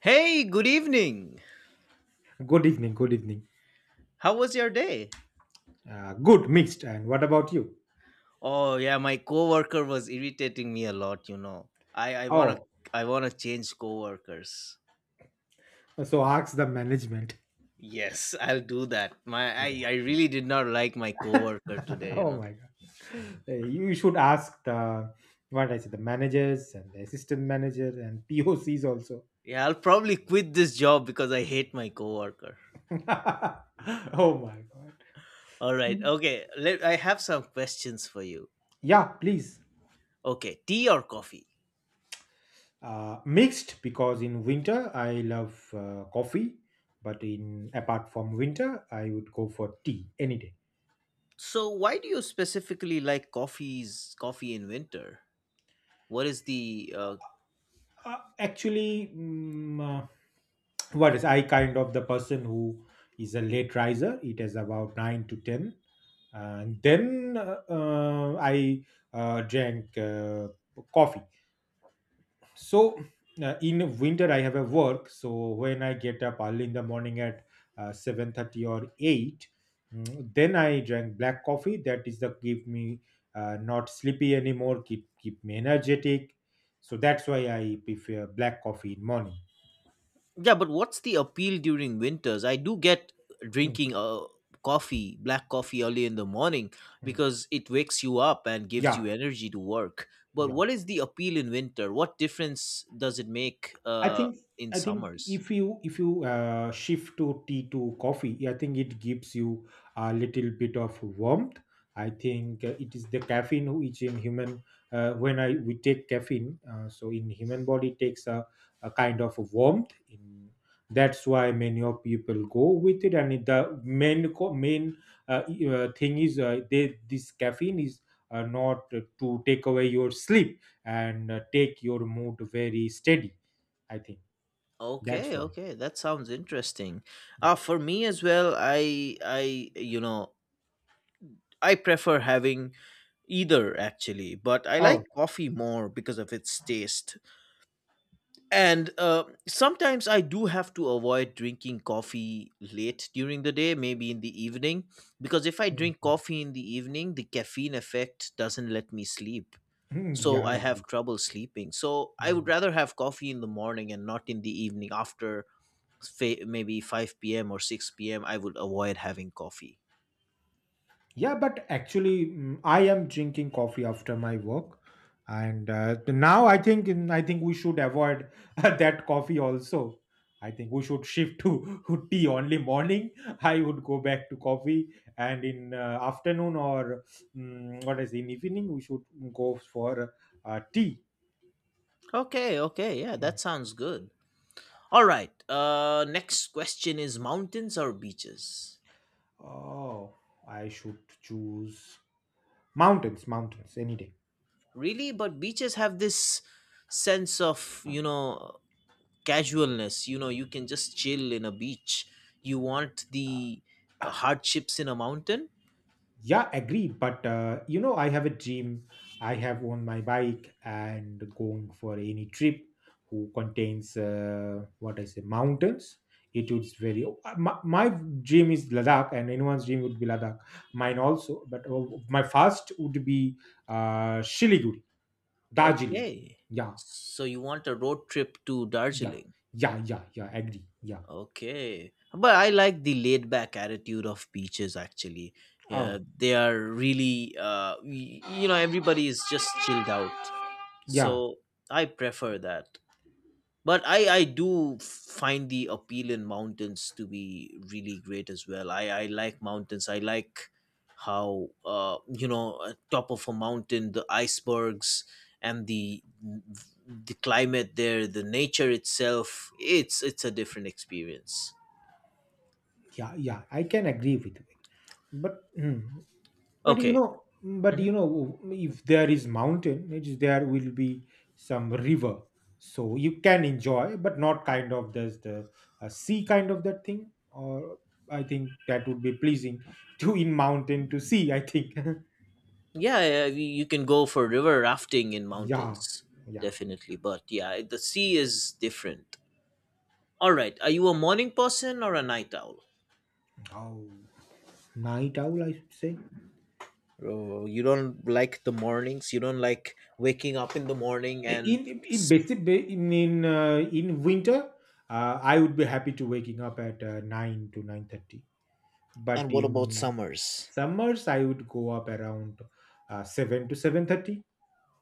Hey, good evening. Good evening. Good evening. How was your day? Good mixed. And what about you? Oh yeah, my coworker was irritating me a lot. I I want to Oh, I want to change coworkers. so ask the management. Yes, I'll do that. My I Yeah. really did not like my coworker today, you Oh know. my god. You should ask the, what I say, the managers and the assistant manager and POCs also. Yeah, I'll probably quit this job because I hate my coworker. Oh my god. All right. Mm. Okay, let I have some questions for you. Yeah, please. Okay, tea or coffee? Mixed because in winter I love coffee, but in apart from winter I would go for tea any day. So, why do you specifically like coffee in winter? What is the. Actually, what is I kind of the person who is a late riser. It is about 9 to 10, and then I drank coffee. So in winter I have a work, so when I get up early in the morning at 7:30 or 8 then I drank black coffee, that is the give me not sleepy anymore, keep me energetic. So that's why I prefer black coffee in morning. Yeah, but what's the appeal during winters? I do get Mm, drinking coffee, black coffee early in the morning mm. because it wakes you up and gives you Yeah. energy to work. But Yeah. what is the appeal in winter? What difference does it make I think in I think summers? if you shift to tea to coffee, I think it gives you a little bit of warmth. I think it is the caffeine which in human when I we take caffeine, so in human body takes a kind of warmth. In that's why many of people go with it, and the main thing is they this caffeine is not to take away your sleep and take your mood very steady. I think that's Okay, why. okay, that sounds interesting. Yeah. For me as well, I prefer having either actually, but I like Oh, coffee more because of its taste. And sometimes I do have to avoid drinking coffee late during the day, maybe in the evening, because if I drink mhm. coffee in the evening, the caffeine effect doesn't let me sleep. Hmm, So yeah, I I have agree. trouble sleeping. So I would Hmm. rather have coffee in the morning and not in the evening after maybe 5 p.m. or 6 p.m. I would avoid having coffee. Yeah, but actually, I am drinking coffee after my work, and now I think we should avoid that coffee also. I think we should shift to tea only morning. I would go back to coffee, and in afternoon or what is in evening we should go for tea. Okay, okay. Yeah, Mm. that sounds good. All right. Next question is mountains or beaches? Oh, I should choose mountains, mountains any day. Really, but beaches have this sense of, casualness. You know, you can just chill in a beach. You want the hardships in a mountain. Yeah, agree. But I have a dream. I have on my bike and going for any trip who contains what I say mountains. It would very. My dream is Ladakh, and anyone's dream would be Ladakh. Mine also, but my first would be Shiliguri, Darjeeling. Okay, Yeah, so you want a road trip to yeah, Darjeeling? yeah, yeah, yeah. Agree. Yeah. Okay, but I like the laid back attitude of beaches, actually. Yeah, Oh, they are really you know everybody is just chilled out, yeah, so I prefer that. But I do find the appeal in mountains to be really great as well. I like mountains. I like how top of a mountain, the icebergs and the climate there, the nature itself, it's a different experience. yeah, yeah. I can agree with you. But but you Okay. know but Hmm. you know if there is mountain, there will be some river, so you can enjoy, but not kind of there's the sea kind of that thing, or I think that would be pleasing to in mountain to sea I think. Yeah, yeah, you can go for river rafting in Yeah. mountains, Yeah. definitely. But yeah, the sea is different. All right, are you a morning person or a night owl? Oh, night owl I should say. Oh, you don't like the mornings. You don't like waking up in the morning, In in s- basic ba- in, In winter I would be happy to waking up at 9 to 9:30, but and what about in. summers? Summers I would go up around seven to seven thirty.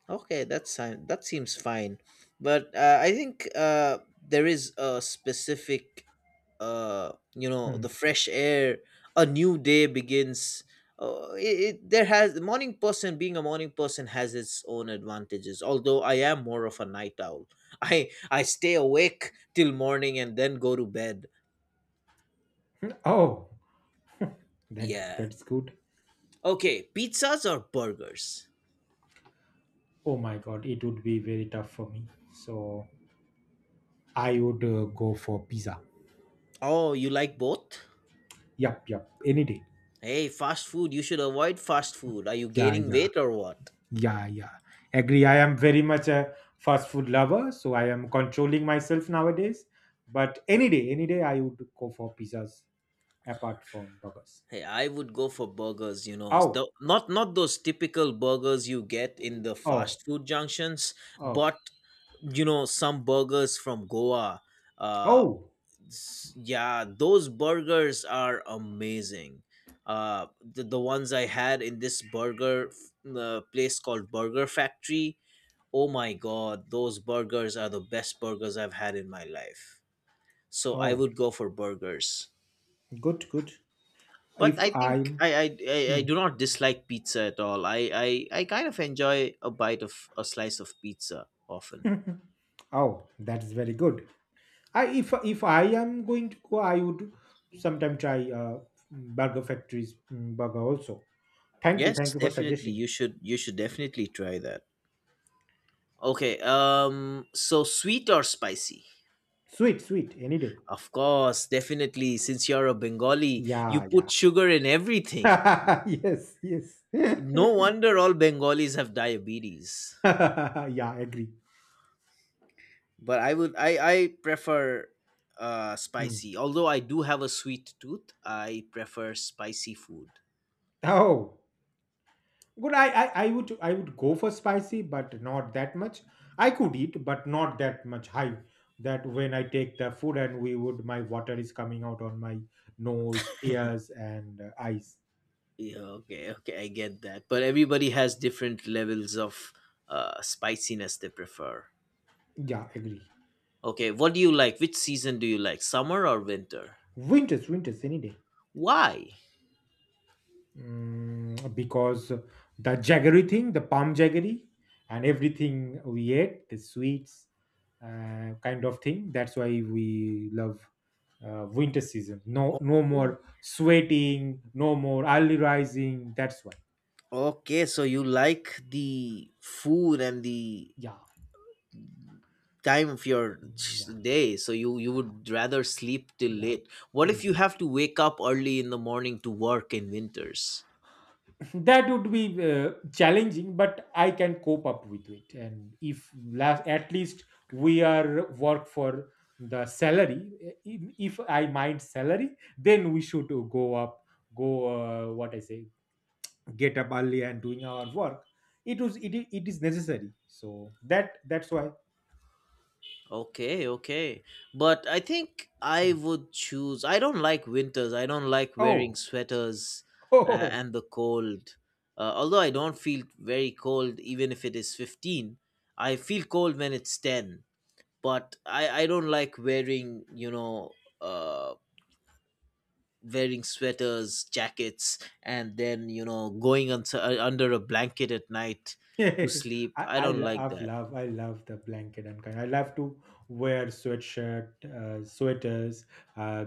Okay, that's fine. That seems fine, but I think, there is a specific, the Hmm. fresh air. A new day begins. Uh, it, it there has the morning person, being a morning person, has its own advantages. Although I am more of a night owl, I stay awake till morning and then go to bed. Oh, that's Yeah. that's good. Okay, pizzas or burgers? Oh my god, it would be very tough for me. So I would go for pizza. Oh, you like both? Yup, yup, any day. Hey, fast food, you should avoid fast food. Are you Yeah, gaining yeah, weight or what? yeah, yeah. Agree. I am very much a fast food lover, so I am controlling myself nowadays. But any day, I would go for pizzas apart from burgers. Hey, I would go for burgers. The, Oh, not not those typical burgers you get in the oh, fast food junctions, oh, but some burgers from Goa. Uh oh, yeah, those burgers are amazing. The ones I had in this burger place called Burger Factory. Oh my god, those burgers are the best burgers I've had in my life, so I oh. would go for burgers. Good, good. But If I think I'm. I Hmm. do not dislike pizza at all. I kind of enjoy a bite of a slice of pizza often. Mhm. Oh, that's very good. I if I am going to go, I would sometime try burger factories burger also. Yes, Thank you for definitely, suggesting. you should definitely try that. Okay, so sweet or spicy? Sweet, sweet, any day. Of course, definitely. Since you're a Bengali, you Yeah, yeah. put sugar in everything. Yes, yes. No wonder all Bengalis have diabetes. Yeah, agree. But I would, I prefer Hmm. spicy. Although I do have a sweet tooth, I prefer spicy food. Oh, good. I would go for spicy, but not that much. I could eat, but not that much high. That when I take the food and we would my water is coming out on my nose, ears, and eyes. Yeah, okay, okay, I get that, but everybody has different levels of spiciness they prefer. Yeah, agree. Okay, what do you like? Which season do you like, summer or winter? Winters, winters, any day. Why? Mm, because the jaggery thing, the palm jaggery, and everything we ate, the sweets, kind of thing. That's why we love winter season. No, O- no more sweating, no more early rising. That's why. Okay, so you like the food and the Yeah, time of your yeah, day, so you yeah, would rather sleep till yeah, late. What if yeah. you have to wake up early in the morning to work in winters? That would be challenging, but I can cope up with it. And if last, at least we are work for the salary. If I mind salary, then we should go up, go what I say, get up early and doing our work. It was it, I- it is necessary. So that's why. Okay, okay, but I think I Hmm. would choose. I don't like winters. I don't like wearing Oh. sweaters, and the cold. Although I don't feel very cold even if it is 15, I feel cold when it's 10. But I don't like wearing you know uh wearing sweaters, jackets, and then, going under a blanket at night to I, sleep. I I don't like love, that. love, I love the blanket and kind. I love to wear sweatshirt, sweaters, uh,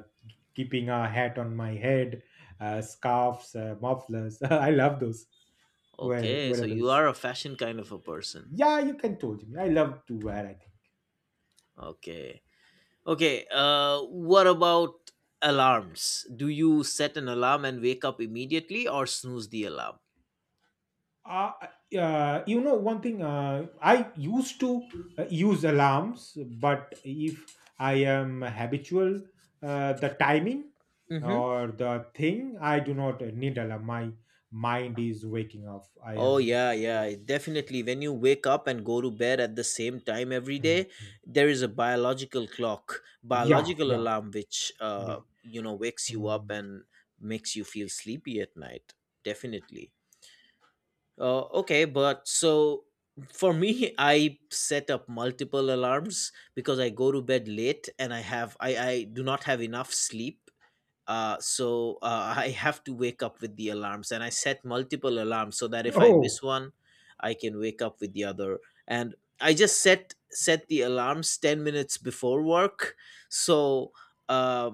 keeping a hat on my head, scarves, mufflers. I love those Okay, so you wearables. are a fashion kind of a person. Yeah, you can told me. I love to wear. I think. Okay, okay. What about alarms? Do you set an alarm and wake up immediately, or snooze the alarm? uh, you know one thing. I used to use alarms, but if I am habitual the timing Mhm. or the thing, I do not need alarm. My mind is waking up. I Oh am. yeah, yeah, definitely. Yeah. When you wake up and go to bed at the same time every Hmm, day, hmm. there is a biological clock, Yeah, biological yeah, alarm which yeah. Wakes you up Hmm. and makes you feel sleepy at night. Definitely. Okay, but so for me, I set up multiple alarms because I go to bed late and I do not have enough sleep, so I have to wake up with the alarms, and I set multiple alarms so that if I Oh. miss one, I can wake up with the other. And I just set the alarms 10 minutes before work, so uh,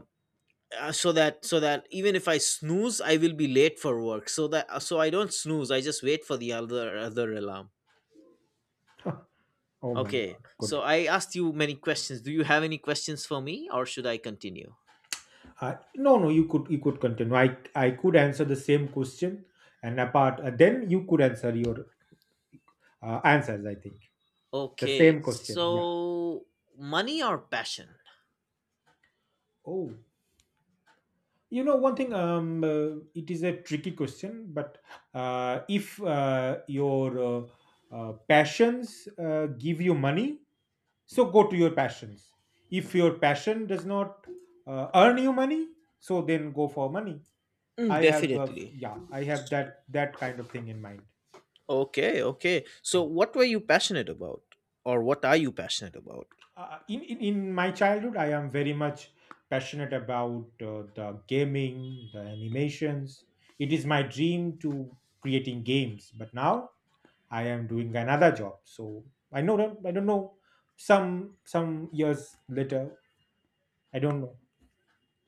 so that even if I snooze, I will be late for work. So I don't snooze. I just wait for the other alarm. Oh my Okay. god, So good. I asked you many questions. Do you have any questions for me, or should I continue? No, no, you could continue. I could answer the same question, and apart then you could answer your answers, I think. The Okay. same question. Yeah. So money or passion? Oh, you know one thing. It is a tricky question, but if your passions give you money, so go to your passions. If your passion does not earn you money, so then go for money. Mm, I have, definitely. yeah, I have that kind of thing in mind. Okay, okay. So, what were you passionate about, or what are you passionate about? In my childhood I am very much passionate about the gaming, the animations. It is my dream to creating games, but now I am doing another job. So I know I don't know. Some years later, I don't know.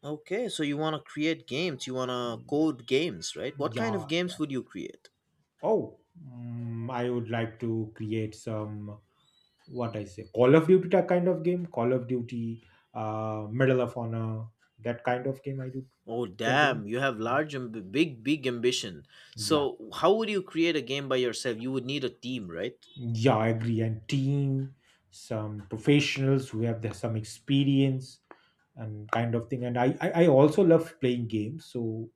Okay, so you want to create games, you want to code games, right? What kind Yeah. of games would you create? Oh. I would like to create some, what I say, Call of Duty type kind of game. Call of Duty, Medal of Honor, that kind of game I do. Oh, Continue. damn, you have Yeah. large and big, big ambition. Yeah. So, how would you create a game by yourself? You would need a team, right? Yeah, I agree. And team, some professionals who have the, some experience and kind of thing. And I also love playing games. So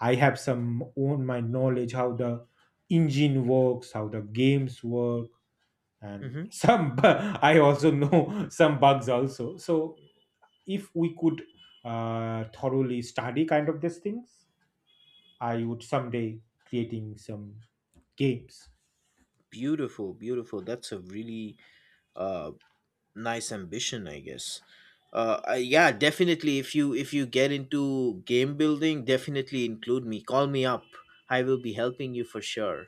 I have some own my knowledge how the engine works, how the games work, and Mm-hmm. I also know some bugs also. So if we could thoroughly study kind of these things, I would someday creating some games. Beautiful, beautiful. That's a really uh, nice ambition, I guess. Yeah, definitely, if you get into game building, definitely include me, call me up. I will be helping you for sure.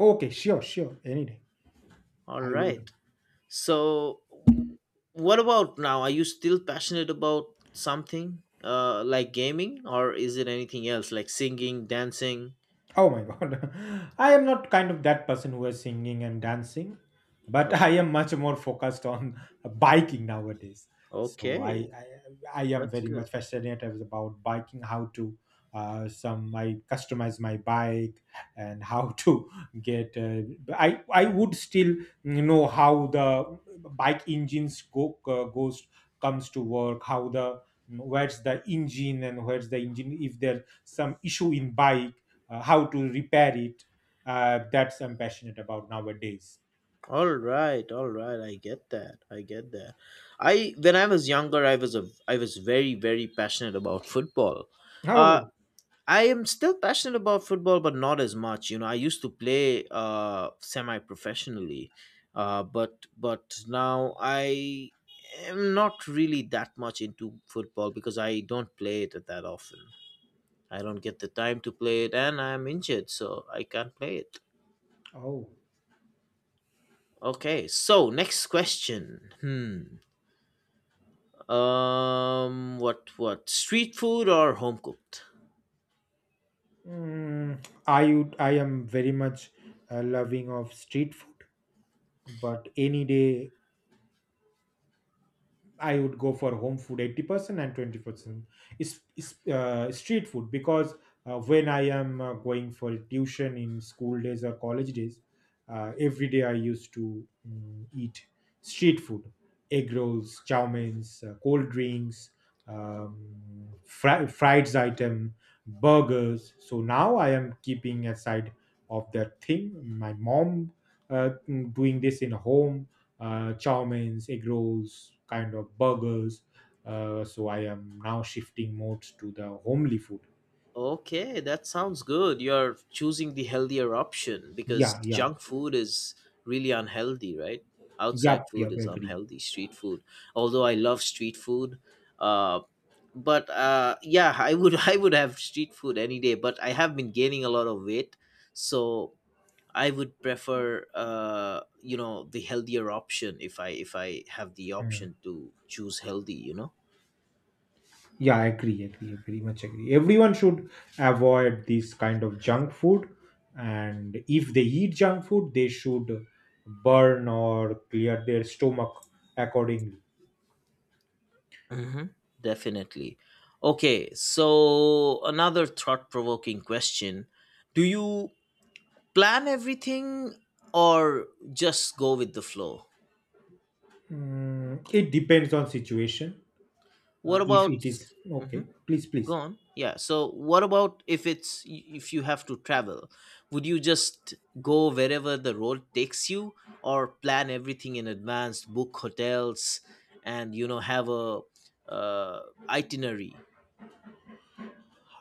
Okay, sure, sure. Any day. All I will be. right, so what about now? Are you still passionate about something, like gaming, or is it anything else like singing, dancing? Oh my god. I am not kind of that person who is singing and dancing, but Oh, I am much more focused on biking nowadays. So I okay, I, I am that's very good. much fascinated about biking, how to some I customize my bike and how to get. I would still know how the bike engines go goes comes to work, how the where's the engine and where's the engine if there's some issue in bike, how to repair it. That's I'm passionate about nowadays. All right, all right. I get that. I get that. I When I was younger, I was very, very passionate about football. Uh, Oh. I am still passionate about football, but not as much. You know, I used to play semi professionally, but now I am not really that much into football because I don't play it that often. I don't get the time to play it, and I'm injured, so I can't play it. Oh. Okay, so next question. Hmm. What street food or home cooked? Mm, I would, I am very much loving of street food, but any day I would go for home food 80% and 20% is street food, because when I am going for tuition in school days or college days, every day I used to eat street food, egg rolls, chow mains, cold drinks, fried item, burgers. So now I am keeping aside of that thing. My mom doing this in home, chow mains, egg rolls, kind of burgers. So I am now shifting more to the homely food. Okay, that sounds good. You're choosing the healthier option because Yeah, yeah, junk food is really unhealthy, right? Outside yep, food yep, is agree. unhealthy. Street food, although I love street food, uh, but yeah, I would I would have street food any day. But I have been gaining a lot of weight, so I would prefer the healthier option if I have the option Hmm. to choose healthy. Yeah, I agree, agree, very much agree. Everyone should avoid this kind of junk food, and if they eat junk food, they should burn or clear their stomach accordingly. Hmm. Definitely. Okay, so another thought provoking question. Do you plan everything or just go with the flow? Mm, it depends on situation. What If about. it is okay, Mhm. please, please. Gone. Yeah, so what about, if you have to travel? Would you just go wherever the road takes you, or plan everything in advance, book hotels, and have a uh, itinerary?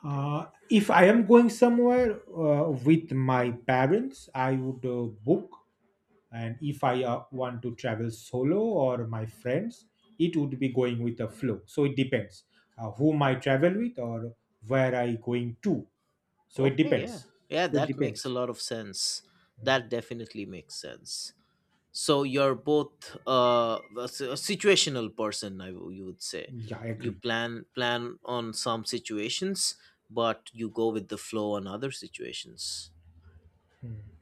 If I am going somewhere with my parents, I would book. And if I want to travel solo or my friends, it would be going with the flow. So it depends whom I travel with or where I going to. So it Okay, yeah. depends. Yeah, So it that makes a depends. lot of sense. That definitely makes sense. So you're both a situational person, you would say. Yeah, I You agree. plan on some situations, but you go with the flow on other situations.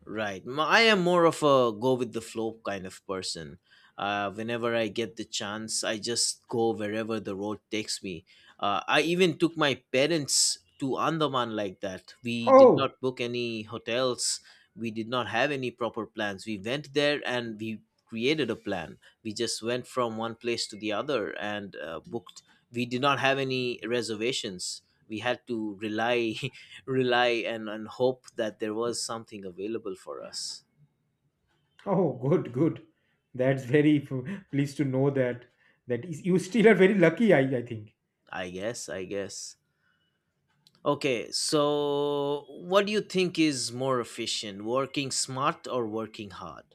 Right. I am more of a go with the flow kind of person. Whenever I get the chance, I just go wherever the road takes me. I even took my parents to Andaman like that. We did Oh, not book any hotels, we did not have any proper plans. We went there and we created a plan. We just went from one place to the other and booked. We did not have any reservations. We had to rely rely and hope that there was something available for us. oh, good, good. That's very pleased to know that that is, you still are very lucky. I think. I guess. Okay, so what do you think is more efficient, working smart or working hard?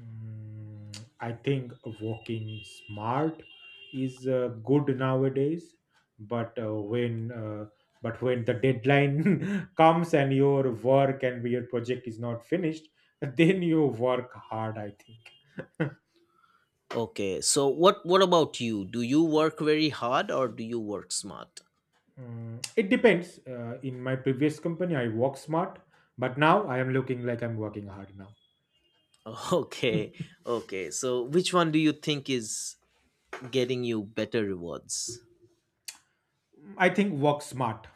Mm, I think walking smart is good nowadays, but when the deadline comes and your work and your project is not finished, then you work hard, I think. Okay, so what about you? Do you work very hard, or do you work smart? Mm, it depends. In my previous company, I work smart, but now I am looking like I'm working hard now. Okay, okay, so which one do you think is getting you better rewards? Mm, I think work smart.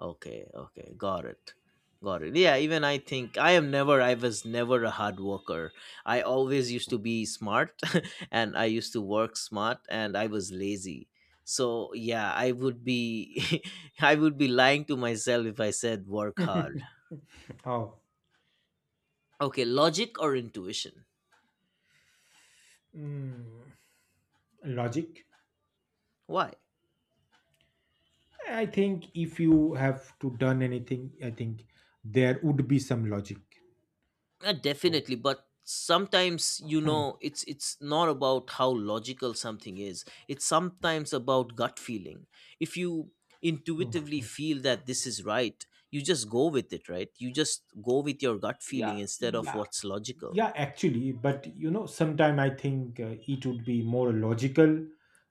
Okay, okay, got it. Got it. Yeah, even I think I was never a hard worker. I always used to be smart and I used to work smart and I was lazy. So, yeah, I would be lying to myself if I said work hard. Oh. Okay, logic or intuition? Mm, logic. Why? I think if you have to done anything, I think there would be some logic. So. Definitely, but sometimes Hmm, it's not about how logical something is. It's sometimes about gut feeling. If you hmm, intuitively hmm. feel that this is right, you just go with it, right? You just go with your gut Yeah, feeling instead of yeah, what's logical. yeah, actually, but you know, sometime I think it would be more logical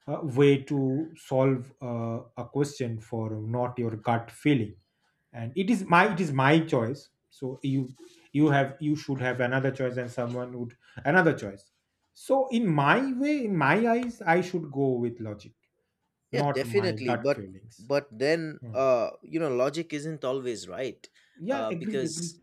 way to solve a question for not your gut feeling. And it is my choice. So you should have another choice, and someone would another choice. So in my way, in my eyes, I should go with logic, Yeah, not my definitely. gut But feelings. but then Hmm. You know logic isn't always right, Yeah, uh, agree, agree. because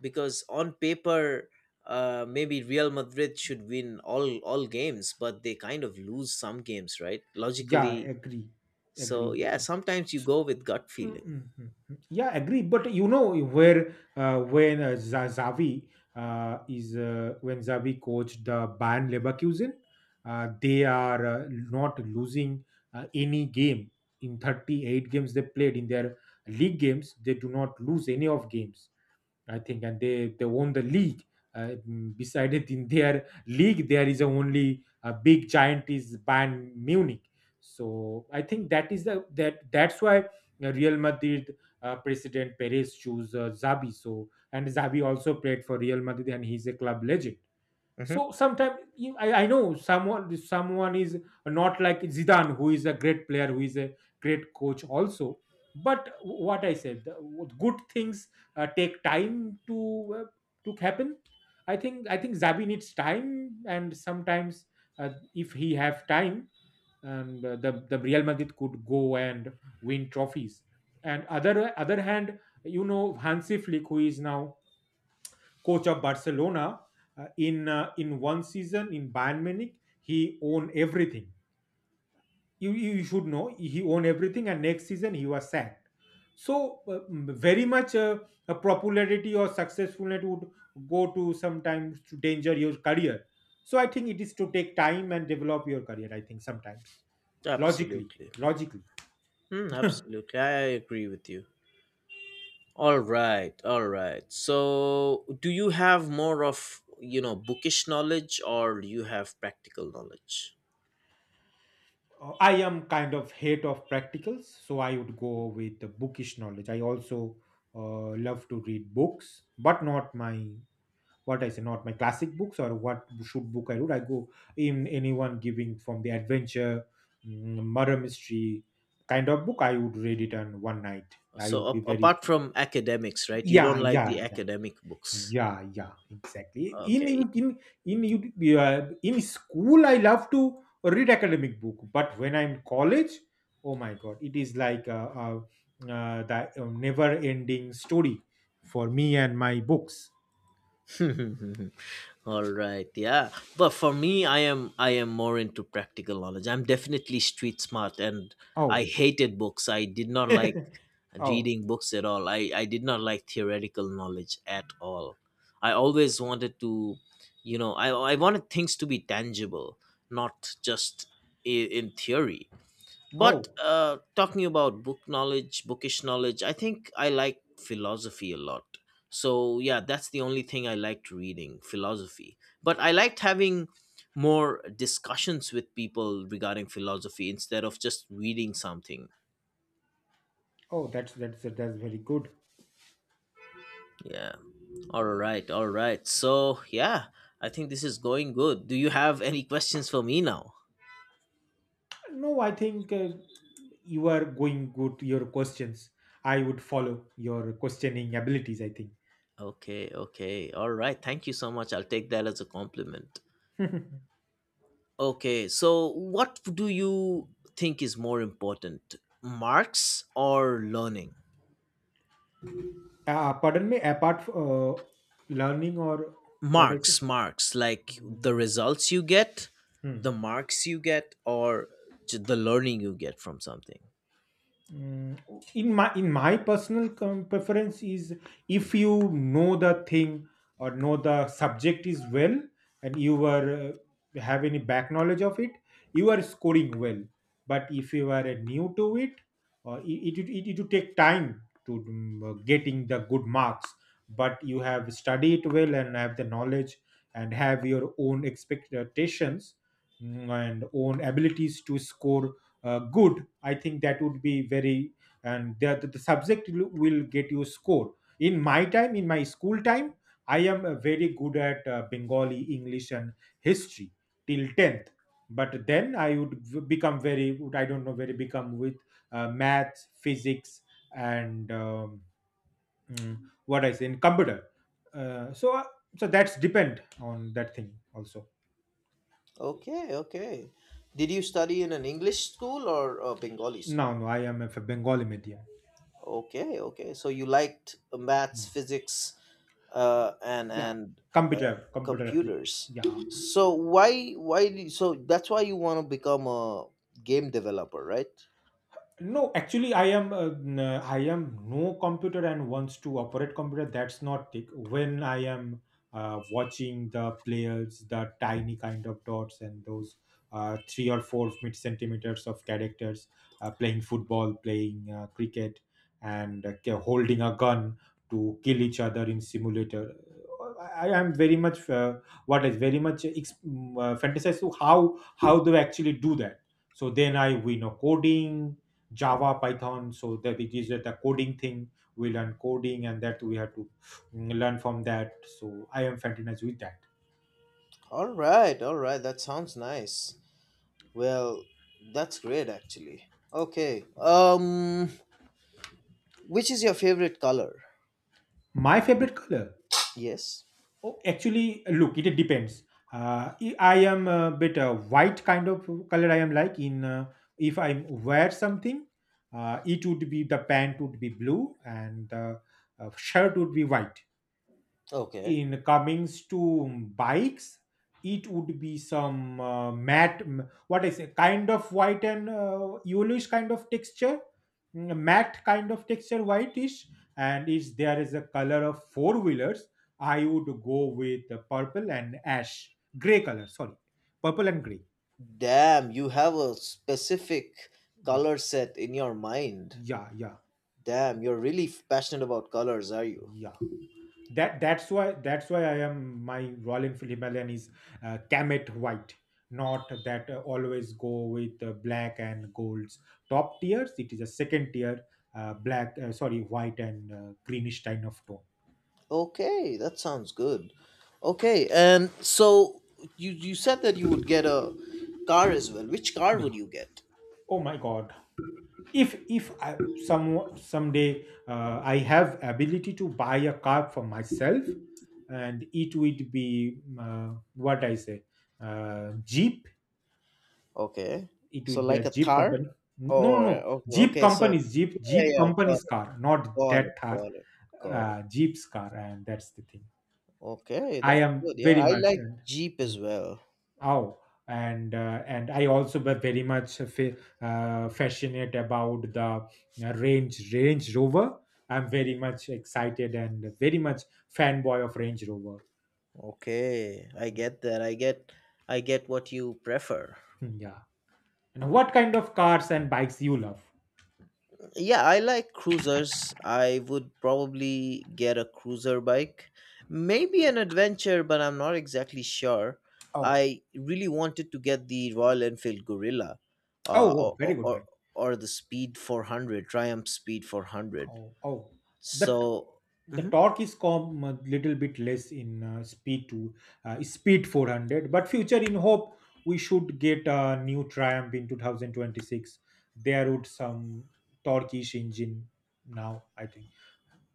because on paper, maybe Real Madrid should win all games, but they kind of lose some games, right? Yeah, Logically, agree, so agree. yeah, sometimes you So- go with gut feeling. Mm. Yeah, agree. But you know where when Za- Xavi is when Xavi coached the Bayern Leverkusen, they are not losing any game in 38 games they played in their league games. They do not lose any of games, I think, and they won the league. Decided in their league, there is a only a big giant is Bayern Munich. So I think that is the that's why Real Madrid president Perez chose Zabi. So and Zabi also played for Real Madrid, and he's a club legend. Hmm. So sometimes I know someone is not like Zidane, who is a great player, who is a great coach also. But what I said, the good things take time to happen. I think Zabi needs time, and sometimes if he have time, and the Real Madrid could go and win trophies. And other hand, you know Hansi Flick, who is now coach of Barcelona. In one season in Bayern Munich, he owned everything. You should know he owned everything, and next season he was sacked. So very much a popularity or successfulness would go to sometimes to danger your career. So I think it is to take time and develop your career. I think sometimes logically, Absolutely. logically. Absolutely, I agree with you. All right, all right. So, do you have more of, bookish knowledge, or do you have practical knowledge? I am kind of hate of practicals, so I would go with the bookish knowledge. I also love to read books, but not my what I say, not my classic books or what should book I read. I go in anyone giving from the adventure, murder mystery kind of book. I would read it on one night. I So would be very. apart from academics, right? You don't Yeah, like the yeah, yeah. academic books. Yeah, yeah, exactly. Okay. In you- in school, I love to read academic book, but when I'm in college, oh my god, it is like the never-ending story for me and my books. All right. Yeah. But for me, I am more into practical knowledge. I'm definitely street smart, and I Oh, hated books. I did not like oh, reading books at all. I did not like theoretical knowledge at all. I always wanted to, you know, I wanted things to be tangible, not just in theory. But oh, talking about book knowledge, bookish knowledge, I think I like philosophy a lot. So yeah, that's the only thing I liked reading, philosophy. But I liked having more discussions with people regarding philosophy instead of just reading something. oh, that's very good. Yeah. All right, all right. So yeah, I think this is going good. Do you have any questions for me now? No, I think you are going good. Your questions, I would follow your questioning abilities, I think. Okay, okay. All right. Thank you so much. I'll take that as a compliment. Okay, so what do you think is more important, marks or learning? Pardon me, learning or what I say? Marks, marks, like the Hmm. results you get, Hmm. the marks you get, or the learning you get from something. Mm, in my preference is, if you know the thing or know the subject is well and you are have any back knowledge of it, you are scoring well. But if you are new to it, or it will take time to getting the good marks, but you have studied well and have the knowledge and have your own expectations, and own abilities to score good, I think that would be very. And the subject will get you score. In my school time, I am very good at Bengali, English, and history till 10th. But then I would I don't know, very become with math, physics, and mm, what I say, in computer. Uh, so uh, so that's depend on that thing also. Okay, okay. Did you study in an English school or a Bengali No, school? no, I am a Bengali medium. Okay, okay. So you liked maths, physics, and Yeah. Uh, computer application. computers. Yeah. So why do so that's why you want to become a game developer, right? No, actually I am I am no computer and wants to operate computer, that's not tick. When I am watching the players, the tiny kind of dots, and those 3 or 4 mid centimeters of characters playing football, playing cricket, and holding a gun to kill each other in simulator, I am very much what is very much ex- mm, fantasize to how they actually do that. So then I we know coding, Java, Python, so that it is the coding thing. We learn coding, and that we have to learn from that. So I am fantasized with that. All right, all right. That sounds nice. Well, that's great actually. Okay. Which is your favorite color? My favorite color? Yes. Oh, actually, look, it depends. I am a bit white kind of color. I am like in, if I wear something, it would be the pant would be blue and the shirt would be white. Okay. In comings to bikes, it would be some what I say, kind of white and yellowish kind of texture, matte kind of texture, whitish. And if there is a color of four wheelers, I would go with the purple and ash gray color. Sorry, purple and gray. Damn, you have a specific Yeah. color set in your mind. Yeah, yeah. Damn, you're really passionate about colors, are you? Yeah, that's why I am. My Royal Enfield Himalayan is Kamet white, not that always go with black and golds top tiers. It is a second tier, black, sorry, white and greenish kind of tone. Okay, that sounds good. Okay, and so you said that you would get a car as well. Which car would Yeah. you get? Oh my god, if I some someday I have ability to buy a car for myself, and it would be what I say, Jeep. Okay, It so would be like a a Jeep Thar, company. No, no, or no, Jeep okay, so companies. jeep yeah, jeep yeah, got companies it, car, not got that it, car. got it, got it. Jeep's car, and that's the thing. Okay, I that's am good. Yeah, very I much like and, Jeep as mm, well. oh, and I also were very much fascinated about the range rover. I'm very much excited and very much fanboy of Range Rover. Okay, I get that. I get what you prefer. Hmm, yeah, and what kind of cars and bikes you love? Yeah, I like cruisers. I would probably get a cruiser bike. Maybe an adventure, but I'm not exactly sure. Oh. I really wanted to get the Royal Enfield Gorilla, Oh, or, oh, or, very good or bike. or the Speed 400, Triumph Speed 400. Oh. Oh. the So, the mhm. torque is come a little bit less in speed 400, but future in hope, we should get a new Triumph in 2026. There would some torqueish engine now, I think.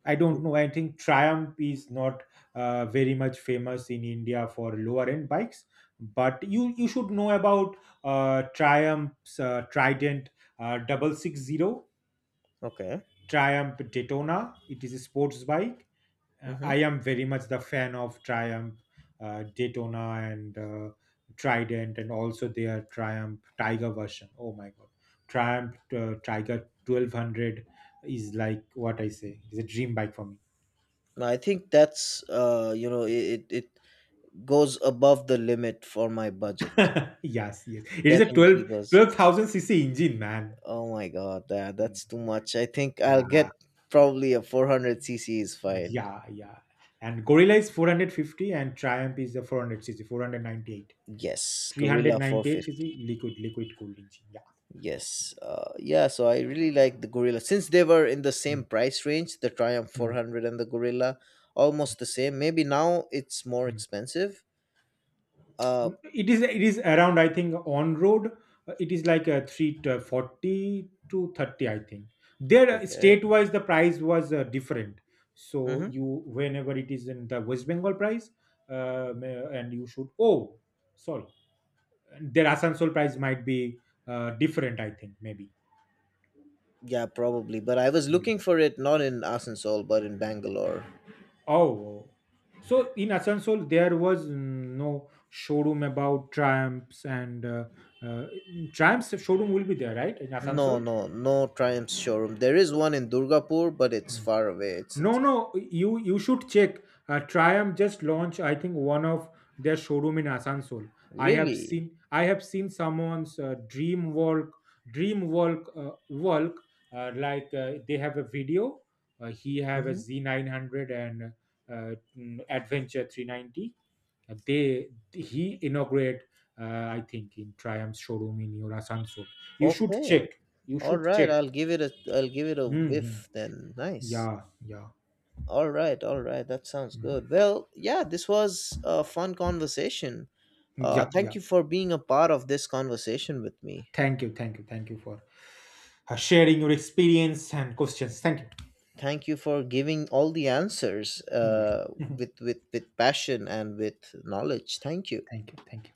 I don't know, I think Triumph is not very much famous in India for lower end bikes. But you should know about Triumph's Trident 660. Okay. Triumph Daytona, it is a sports bike. I Hmm. am very much the fan of Triumph, Daytona, and Trident, and also their Triumph Tiger version. Oh my god, Triumph Tiger 1200 is like what I say, it's a dream bike for me. I think that's, you know, it goes above the limit for my budget. Yes, yes, it is a Definitely 12 goes. 12,000 cc engine, man. Oh my god, that Mm. that's too much. I think I'll Yeah, get probably a 400cc is fine. yeah, yeah. And Gorilla is 450, and Triumph is the 400 cc, 498. Yes, Gorilla 398 cc 450. liquid cooled engine. Yeah. Yes. Yeah, so I really like the Gorilla since they were in the same Mm, price range, the Triumph mm, 400 and the Gorilla almost the same. Maybe now it's more mm. expensive. Uh, It is around, I think, on road. It is like a 3 to 40 to 30, I think. There, okay. state wise, the price was different. So Mhm. you, whenever it is in the West Bengal price, and you should, oh, sorry, and their Asansol price might be different, I think, maybe. Yeah, probably, but I was looking for it not in Asansol but in Bangalore. Oh. Oh. So in Asansol, there was no showroom about Triumphs, and uh, Triumph's showroom will be there, right, in Asansol? No, no, no Triumph showroom. There is one in Durgapur, but it's far away. It's No, it's no, you should check. Triumph just launched, I think, one of their showroom in Asansol. I have really seen I have seen someone's walk. Like they have a video. He have a mhm. Z900 and Adventure 390. They he inaugurate, uh, I think, in Triumph's showroom in your Asansol. You should Okay. check. You All should right. check. I'll give it a Hmm. whiff then. Nice. Yeah, yeah. All right. All right. That sounds mm. good. Well, yeah, this was a fun conversation. Yeah, Thank yeah. you for being a part of this conversation with me. Thank you, thank you, thank you for sharing your experience and questions. Thank you. Thank you for giving all the answers Yeah, with passion and with knowledge. Thank you. thank you, thank you.